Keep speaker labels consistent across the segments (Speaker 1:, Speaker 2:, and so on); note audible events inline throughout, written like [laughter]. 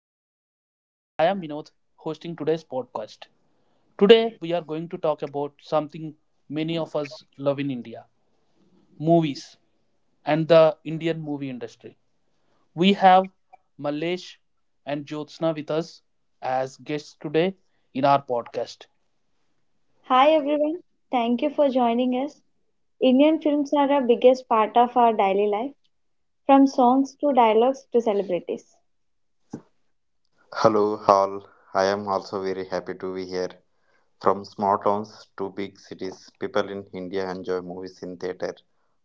Speaker 1: podcast. I am Vinod, hosting today's podcast. Today, we are going to talk about something many of us love in India, movies and the Indian movie industry. We have Malesh and Jyotsna with us as guests today in our podcast.
Speaker 2: Hi everyone, thank you for joining us. Indian films are a biggest part of our daily life, from songs to dialogues to celebrities.
Speaker 3: Hello, all. I am also very happy to be here. From small towns to big cities, people in India enjoy movies in theater,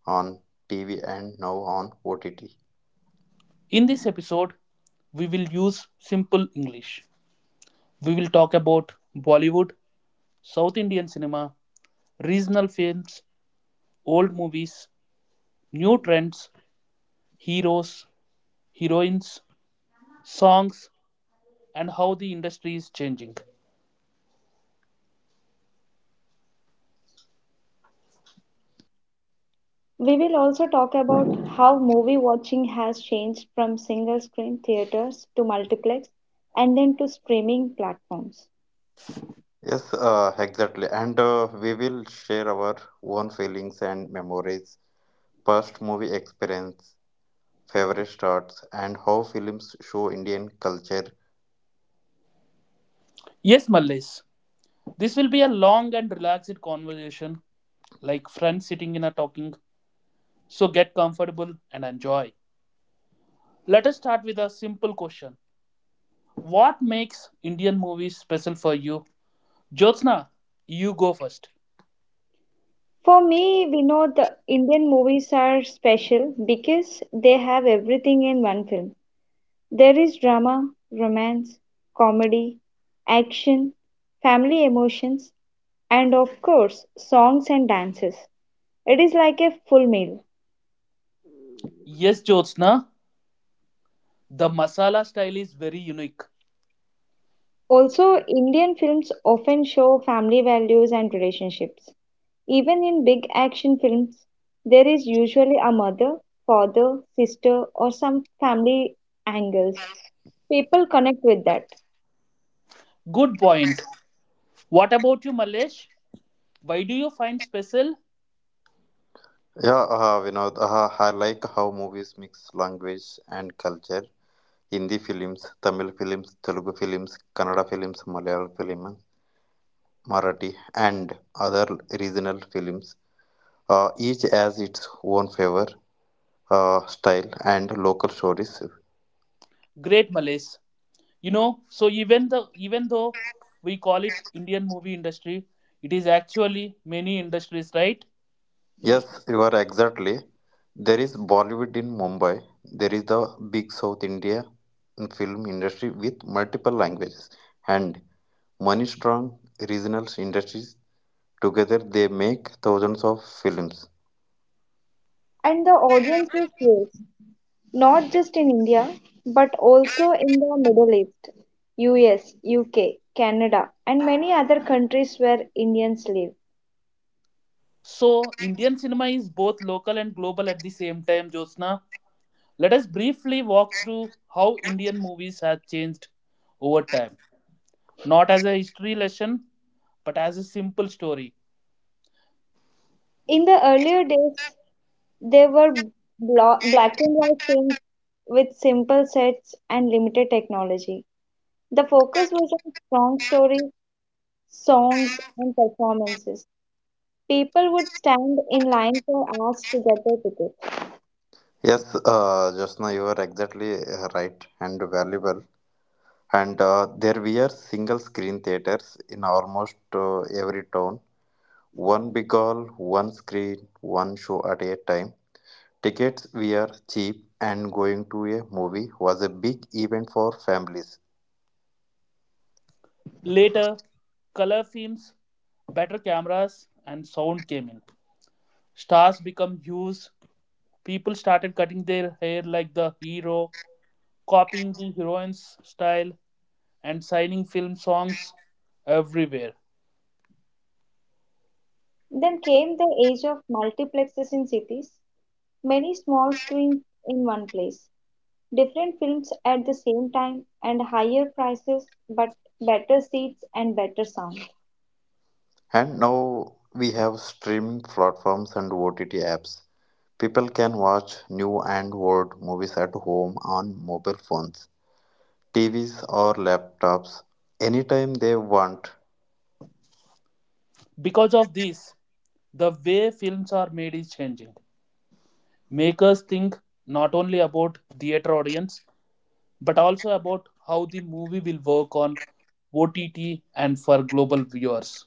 Speaker 3: on TV, and now on OTT.
Speaker 1: In this episode, we will use simple English. We will talk about Bollywood, South Indian cinema, regional films, old movies, new trends, heroes, heroines, songs, and how the industry is changing.
Speaker 2: We will also talk about how movie watching has changed from single screen theaters to multiplex and then to streaming platforms.
Speaker 3: Yes, exactly. And we will share our own feelings and memories, past movie experience, favorite starts, and how films show Indian culture.
Speaker 1: Yes, Mallesh, this will be a long and relaxed conversation, like friends sitting in a talking. So get comfortable and enjoy. Let us start with a simple question. What makes Indian movies special for you? Jyotsna, you go first.
Speaker 2: For me, we know the Indian movies are special because they have everything in one film. There is drama, romance, comedy, action, family emotions, and of course songs and dances. It is like a full meal.
Speaker 1: Yes, Jyotsna, the masala style is very unique.
Speaker 2: Also, Indian films often show family values and relationships. Even in big action films, there is usually a mother, father, sister, or some family angles. People connect with that.
Speaker 1: Good point. What about you, Malesh? Why do you find special?
Speaker 3: Yeah, Vinod, I like how movies mix language and culture. Hindi films, Tamil films, Telugu films, Kannada films, Malayalam film Marathi, and other regional films each has its own flavor, style, and local stories.
Speaker 1: Great, Malesh. You know, so even though we call it Indian movie industry, it is actually many industries, right?
Speaker 3: Yes, you are exactly. There is Bollywood in Mumbai. There is the big South India film industry with multiple languages and money strong regional industries. Together they make thousands of films.
Speaker 2: And the audience is huge, not just in India, but also in the Middle East, US, UK, Canada, and many other countries where Indians live.
Speaker 1: So Indian cinema is both local and global at the same time. Jyotsna, let us briefly walk through how Indian movies have changed over time, not as a history lesson, but as a simple story.
Speaker 2: In the earlier days, there were black and white films with simple sets and limited technology. The focus was on strong stories, songs, and performances. People would stand in line for hours to get their ticket.
Speaker 3: Yes, Jyotsna, you are exactly right and valuable. And there were single screen theaters in almost every town. One big hall, one screen, one show at a time. Tickets were cheap, and going to a movie was a big event for families.
Speaker 1: Later, color films, better cameras, and sound came in. Stars become huge. People started cutting their hair like the hero, copying the heroine's style, and signing film songs everywhere.
Speaker 2: Then came the age of multiplexes in cities, many small screens in one place, different films at the same time, and higher prices but better seats and better sound.
Speaker 3: And now we have streaming platforms and OTT apps. People can watch new and old movies at home on mobile phones, TVs, or laptops anytime they want.
Speaker 1: Because of this, the way films are made is changing. Makers think not only about theater audience but also about how the movie will work on OTT and for global viewers.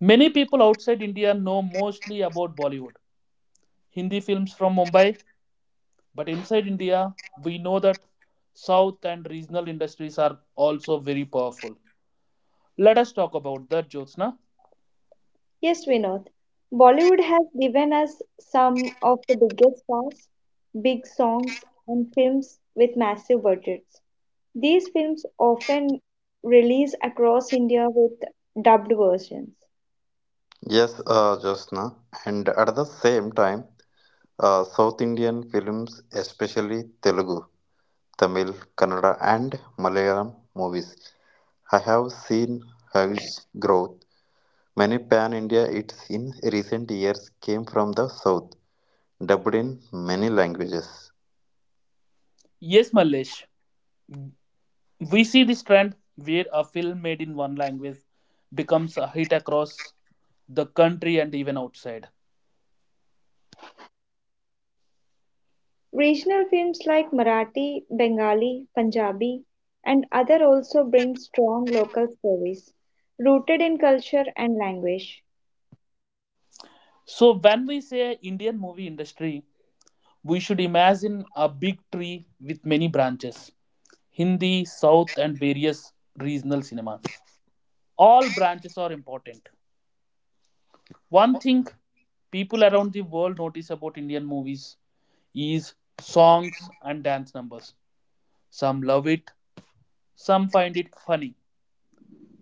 Speaker 1: Many people outside India know mostly about Bollywood, Hindi films from Mumbai, but inside India, we know that South and regional industries are also very powerful. Let us talk about the Jyotsna.
Speaker 2: Yes, Vinod. Bollywood has given us some of the biggest stars, big songs, and films with massive budgets. These films often release across India with dubbed versions.
Speaker 3: Yes, Josna. And at the same time, South Indian films, especially Telugu, Tamil, Kannada, and Malayalam movies, I have seen huge growth. Many pan India hits in recent years came from the South, dubbed in many languages.
Speaker 1: Yes, Mallesh, we see this trend where a film made in one language becomes a hit across the country and even outside.
Speaker 2: Regional films like Marathi, Bengali, Punjabi, and other also bring strong local stories rooted in culture and language.
Speaker 1: So, when we say Indian movie industry, we should imagine a big tree with many branches: Hindi, South, and various regional cinemas. All branches are important. One thing people around the world notice about Indian movies is songs and dance numbers. Some love it, some find it funny,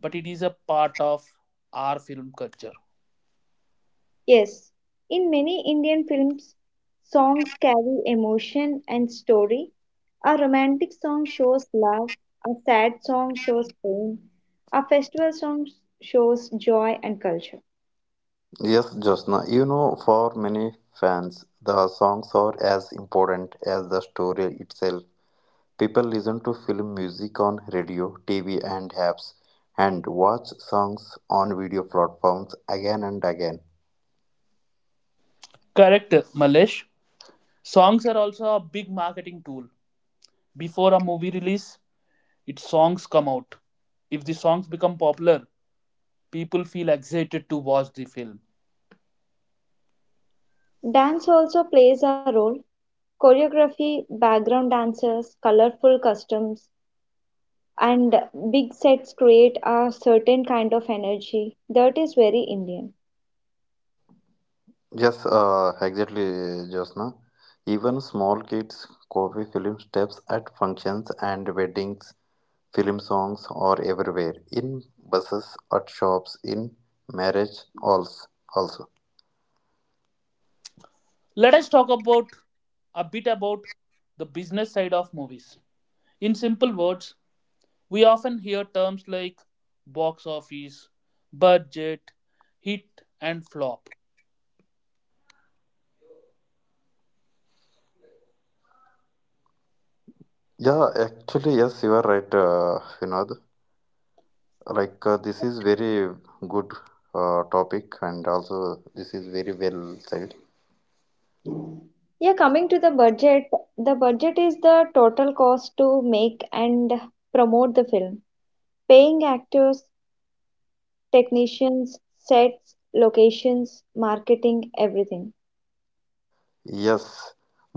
Speaker 1: but it is a part of our film culture.
Speaker 2: Yes, in many Indian films, songs carry emotion and story. A romantic song shows love, a sad song shows pain, a festival song shows joy and culture.
Speaker 3: Yes, Josna, you know, for many fans, the songs are as important as the story itself. People listen to film music on radio, TV, and apps, and watch songs on video platforms again and again.
Speaker 1: Correct, Malesh. Songs are also a big marketing tool. Before a movie release, its songs come out. If the songs become popular, people feel excited to watch the film.
Speaker 2: Dance also plays a role. Choreography, background dancers, colorful costumes, and big sets create a certain kind of energy that is very Indian.
Speaker 3: Yes, exactly, Josna. Even small kids copy film steps at functions and weddings. Film songs are everywhere in buses, at shops, in marriage halls also.
Speaker 1: Let us talk about a bit about the business side of movies. In simple words, we often hear terms like box office, budget, hit and flop.
Speaker 3: Yes, you are right, Vinod. Like this is very good, topic, and also this is very well said.
Speaker 2: Yeah, coming to the budget is the total cost to make and promote the film. Paying actors, technicians, sets, locations, marketing, everything.
Speaker 3: Yes,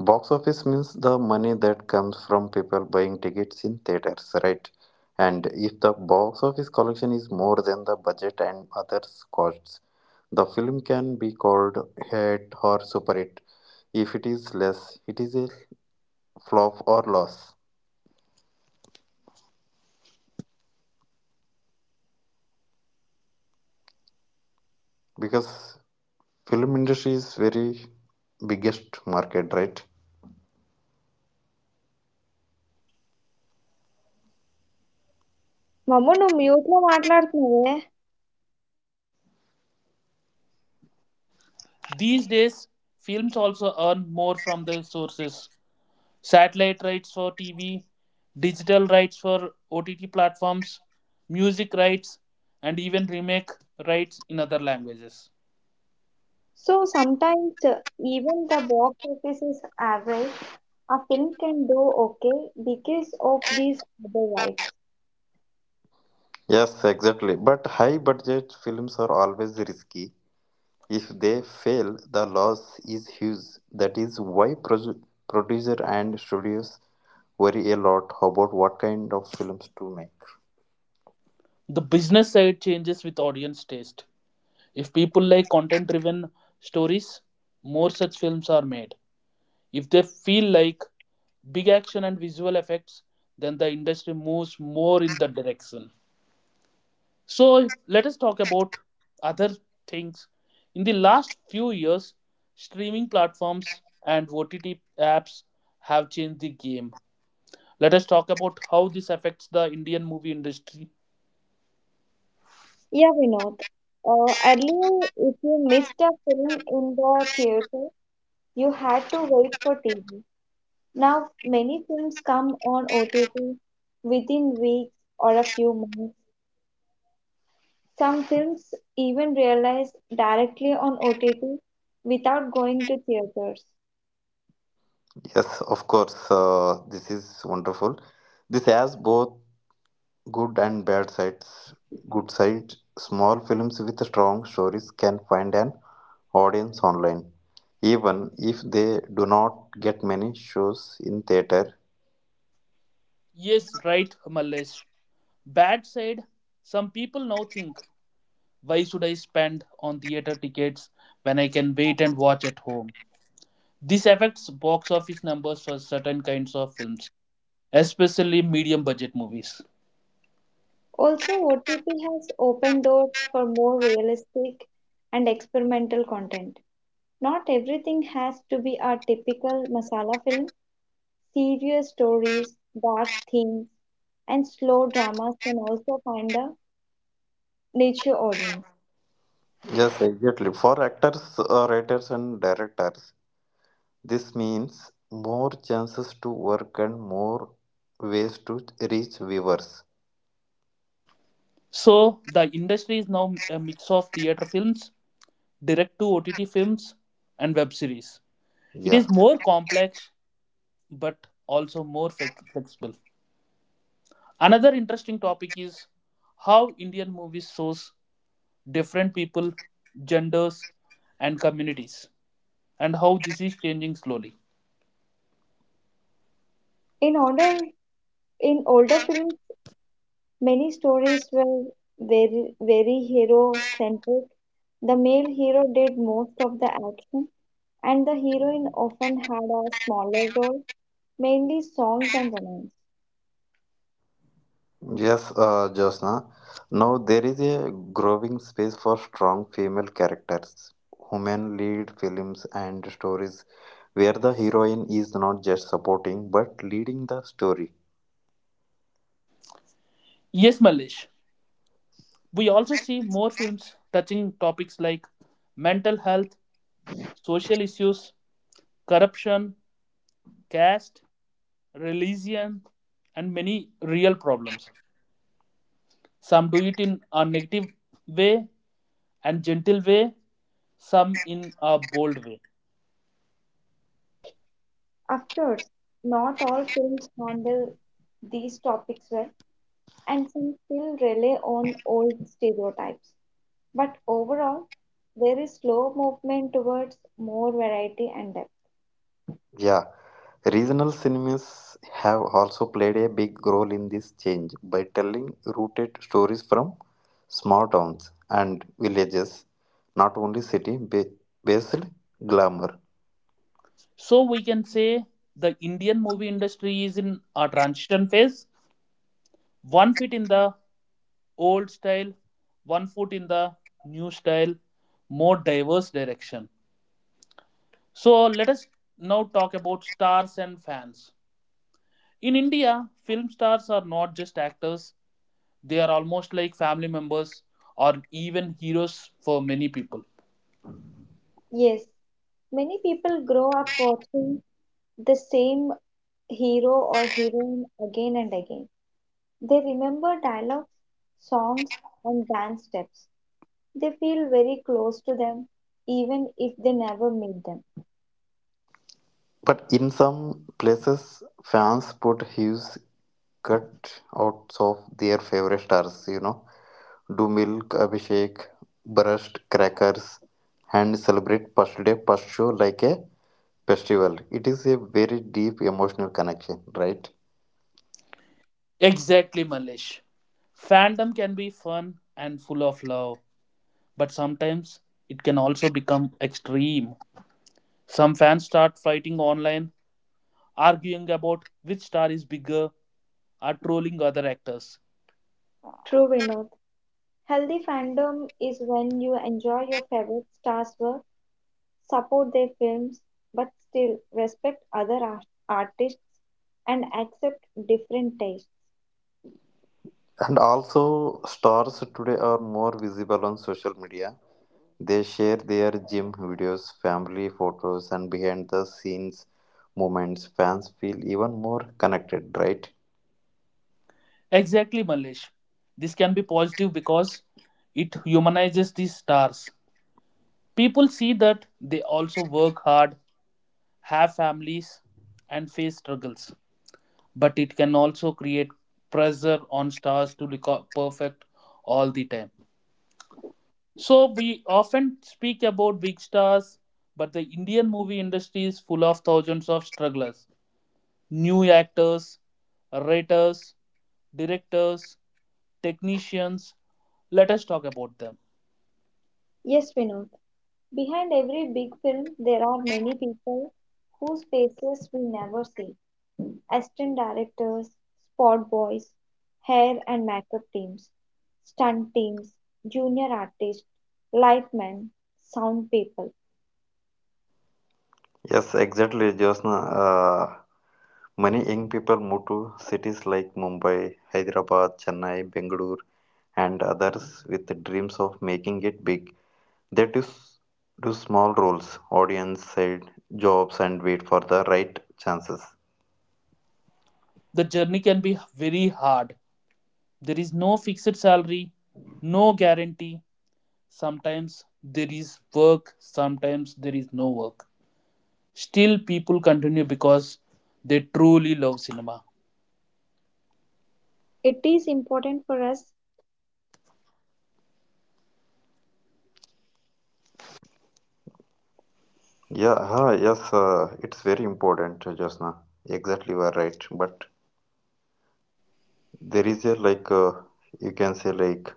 Speaker 3: box office means the money that comes from people buying tickets in theaters, right? And if the box office collection is more than the budget and others costs, the film can be called hit or super hit. If it is less, it is a flop or loss, because film industry is very biggest market, right?
Speaker 2: మమ్మ నువ్వు మ్యూట్లో మాట్లాడుతున్నావే.
Speaker 1: These days, films also earn more from their sources: satellite rights for TV, digital rights for OTT platforms, music rights, and even remake rights in other languages.
Speaker 2: So even the box office is average, a film can do okay because of these other rights.
Speaker 3: Yes, exactly. But high budget films are always risky. If they fail, the loss is huge. That is why producer and studios worry a lot about what kind of films to make.
Speaker 1: The business side changes with audience taste. If people like content driven stories, more such films are made. If they feel like big action and visual effects, then the industry moves more in that direction. So let us talk about other things. In the last few years, streaming platforms and OTT apps have changed the game. Let us talk about how this affects the Indian movie industry.
Speaker 2: Yeah, yeah Vinod. Earlier, if you missed a film in the theater, you had to wait for TV. Now, many films come on OTT within weeks or a few months. Some films even realize directly on OTT without going to theaters.
Speaker 3: Yes, of course. This is wonderful. This has both good and bad sides. Good side, small films with strong stories can find an audience online. Even if they do not get many shows in theater.
Speaker 1: Yes, right, Malesh. Bad side, some people now think, why should I spend on theater tickets when I can wait and watch at home? This affects box office numbers for certain kinds of films, especially medium budget movies.
Speaker 2: Also, OTT has opened doors for more realistic and experimental content. Not everything has to be a typical masala film. Serious stories, dark themes, and slow dramas can also find a niche audience.
Speaker 3: Yes, exactly. For actors, writers, and directors, this means more chances to work and more ways to reach viewers.
Speaker 1: So the industry is now a mix of theater films, direct to OTT films, and web series. It
Speaker 3: Yeah.
Speaker 1: is more complex but also more flexible. Another interesting topic is how Indian movies shows different people, genders, and communities, and how this is changing slowly.
Speaker 2: In order in older films, many stories were very, very hero-centric. The male hero did most of the action, and the heroine often had a smaller role, mainly songs and romance.
Speaker 3: Yes, Josna. Now there is a growing space for strong female characters, women lead films and stories where the heroine is not just supporting but leading the story.
Speaker 1: Yes, Malish. We also see more films touching topics like mental health, social issues, corruption, caste, religion, and many real problems. Some do it in a negative way and gentle way, some in a bold way.
Speaker 2: Of course, not all films handle these topics well, and some still rely on old stereotypes. But overall, there is slow movement towards more variety and depth.
Speaker 3: Yeah, regional cinemas have also played a big role in this change by telling rooted stories from small towns and villages, not only based glamour.
Speaker 1: So we can say the Indian movie industry is in a transition phase, one foot in the old style, one foot in the new style, more diverse direction. So let us now talk about stars and fans. In India, film stars are not just actors, they are almost like family members or even heroes for many people.
Speaker 2: Yes, many people grow up watching the same hero or heroine again and again. They remember dialogues, songs, and dance steps. They feel very close to them, even if they never meet them.
Speaker 3: But in some places, fans put huge cutouts of their favorite stars, you know, do milk, Abhishek, brushed crackers, and celebrate Past Day Past Show like a festival. It is a very deep emotional connection, right?
Speaker 1: Exactly, Malish. Fandom can be fun and full of love, but sometimes it can also become extreme. Some fans start fighting online, arguing about which star is bigger, or trolling other actors.
Speaker 2: True, Vinod. Healthy fandom is when you enjoy your favorite stars' work, support their films, but still respect other artists and accept different tastes.
Speaker 3: And also, stars today are more visible on social media. They share their gym videos, family photos, and behind the scenes moments. Fans feel even more connected, right?
Speaker 1: Exactly, Malish. This can be positive because it humanizes these stars. People see that they also work hard, have families, and face struggles, but it can also create pressure on stars to look up perfect all the time. So we often speak about big stars, but the Indian movie industry is full of thousands of strugglers, new actors, writers, directors, technicians. Let us talk about them.
Speaker 2: Yes, Vinod. Behind every big film, there are many people whose faces we never see. Assistant directors, spot boys, hair and makeup teams, stunt teams, junior artists, lightmen, sound people.
Speaker 3: Yes, exactly, Josna. Uh, Many young people move to cities like Mumbai, Hyderabad, Chennai, Bengaluru, and others with the dreams of making it big. They do small roles, audience side, jobs, and wait for the right chances.
Speaker 1: The journey can be very hard. There is no fixed salary, no guarantee. Sometimes there is work, sometimes there is no work. Still, people continue because they truly love cinema.
Speaker 2: It is important for us as audience to remember this. When we see a film, we should respect the effort.
Speaker 3: Yeah,
Speaker 2: Even
Speaker 3: yes,
Speaker 2: we do not
Speaker 3: it's
Speaker 2: like
Speaker 3: very
Speaker 2: the film.
Speaker 3: important, Jasna. Exactly, you are right. But there
Speaker 2: Yeah,
Speaker 3: is a
Speaker 2: Malesh.
Speaker 3: you can say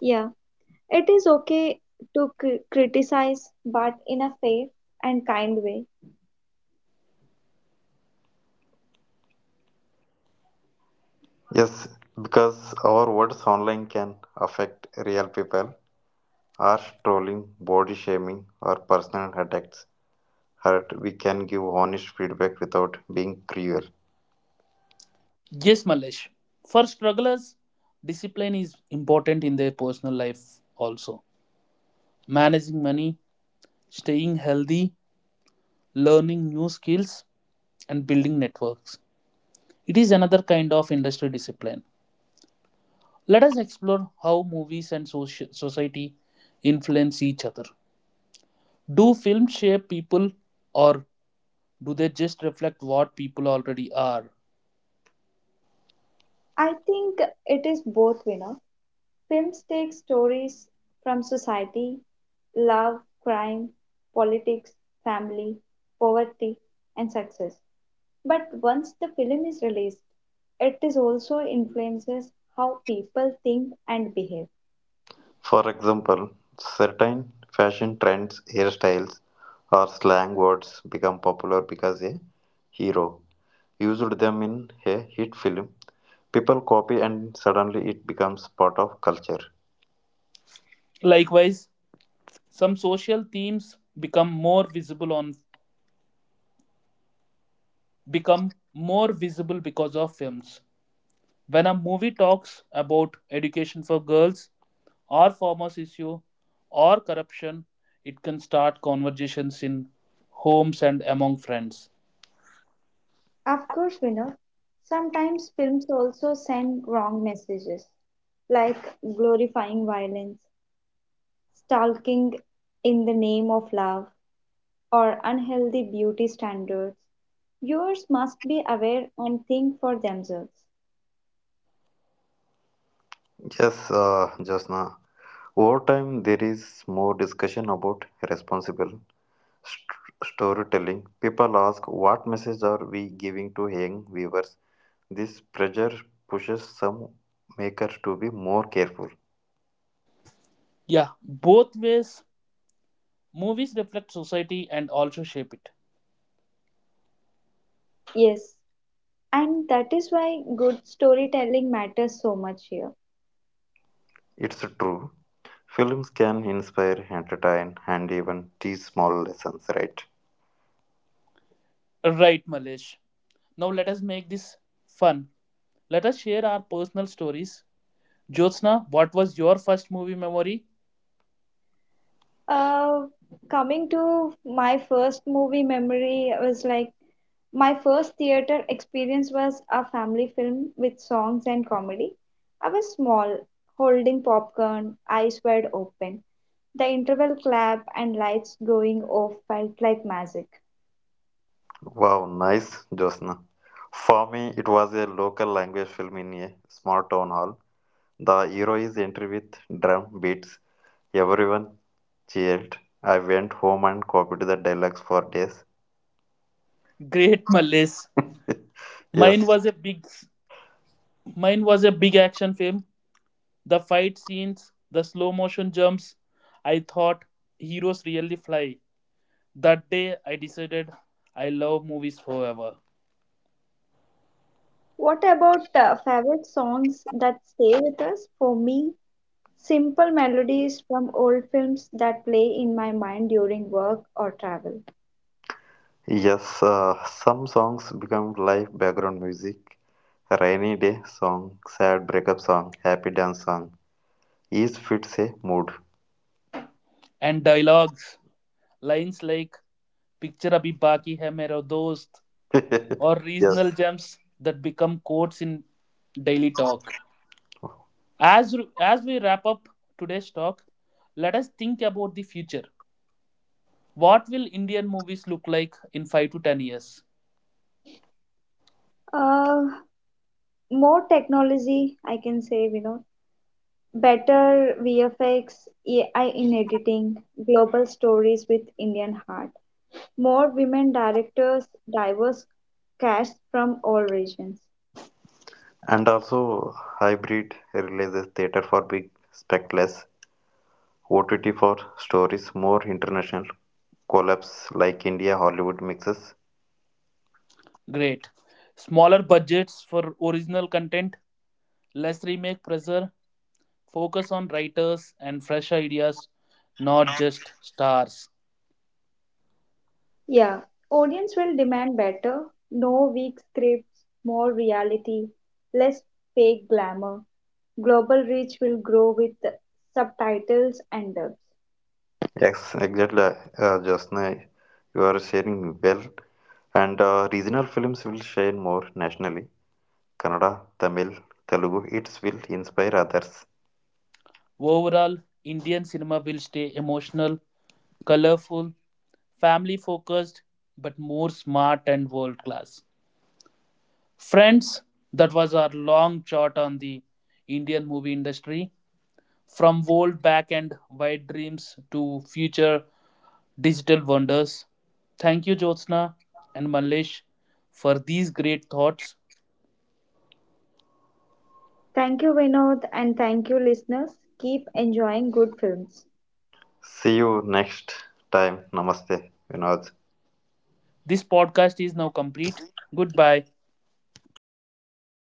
Speaker 2: Yeah. It is okay to criticize, but in a fair and kind way.
Speaker 3: yes, because our words online can affect real people. Harsh trolling, body shaming, or personal attacks hurt. We can give honest feedback without being cruel.
Speaker 1: Yes, Malesh. For strugglers, discipline is important in their personal life also. Managing money, staying healthy, learning new skills, and building networks. It is another kind of industry discipline. Let us explore how movies and society influence each other. Do films shape people or do they just reflect what people already are?
Speaker 2: I think it is both, you know. Films take stories from society, love, crime, politics, family, poverty, and success. But once the film is released, it is also influences how people think and behave.
Speaker 3: For example, certain fashion trends, hairstyles, or slang words become popular because a hero used them in a hit film. People copy and suddenly it becomes part of culture.
Speaker 1: Likewise, some social themes become more visible because of films. When a movie talks about education for girls or farmers issue or corruption, it can start conversations in homes and among friends.
Speaker 2: Of course, we know sometimes films also send wrong messages like glorifying violence, stalking in the name of love, or unhealthy beauty standards. Viewers must be aware and think for themselves.
Speaker 3: Yes, Jasna. Over time, there is more discussion about responsible storytelling. People ask, what message are we giving to young viewers? This pressure pushes some makers to be more careful.
Speaker 1: Yeah, both ways, movies reflect society and also shape it.
Speaker 2: Yes, and that is why good storytelling matters so much here.
Speaker 3: It's true. Films can inspire, entertain, and even teach small lessons, right?
Speaker 1: Right, Malesh. Now let us make this fun. Let us share our personal stories. Jyotsna, what was your first movie memory?
Speaker 2: Uh, Coming to my first movie memory, I was like my first theater experience was a family film with songs and comedy. I was small, holding popcorn, eyes wide open. The interval clap and lights going off felt like magic.
Speaker 3: Wow, nice, Josna. For me, it was a local language film in a small town hall. The hero is entry with drum beats. Everyone cheered. I went home and copied the dialogues for days.
Speaker 1: Great Malays. Mine
Speaker 3: Yes,
Speaker 1: was a big mine was a big action film. The fight scenes, the slow motion jumps. I thought heroes really fly. That day I decided I love movies forever.
Speaker 2: What about favorite songs that stay with us? For me, simple melodies from old films that play in my mind during work or travel.
Speaker 3: yes, some songs become live background music. Rainy day song, sad breakup song, happy dance song. Each fits a mood.
Speaker 1: And dialogues, lines like picture abhi baki hai mera dost,
Speaker 3: [laughs]
Speaker 1: or regional
Speaker 3: Yes.
Speaker 1: gems that become quotes in daily talk. As we wrap up today's talk, let us think about the future. What will Indian movies look like in 5 to 10 years?
Speaker 2: Uh, More technology, I can say, you know, better VFX, AI in editing, global stories with Indian heart, more women directors, diverse casts from all regions.
Speaker 3: And also, hybrid releases theater for big spectacles, OTT for stories, more international collabs like India Hollywood mixes.
Speaker 1: Great. Smaller budgets for original content, less remake pressure, focus on writers and fresh ideas, not just stars.
Speaker 2: Yeah, audience will demand better, no weak scripts, more reality, less fake glamour. Global reach will grow with subtitles and dubs.
Speaker 3: Yes, exactly. Just now, you are sharing well, and regional films will shine more nationally. Kannada, Tamil, Telugu. It will inspire others.
Speaker 1: Overall, Indian cinema will stay emotional, colorful, family focused, but more smart and world class. Friends, that was our long shot on the Indian movie industry. From old back and wide dreams to future digital wonders. Thank you, Jyotsna and Manlesh, for these great thoughts.
Speaker 2: Thank you, Vinod, and thank you, listeners. Keep enjoying good films.
Speaker 3: See you next time. Namaste, Vinod.
Speaker 1: This podcast is now complete. Goodbye.
Speaker 3: Thank you.
Speaker 2: Bye.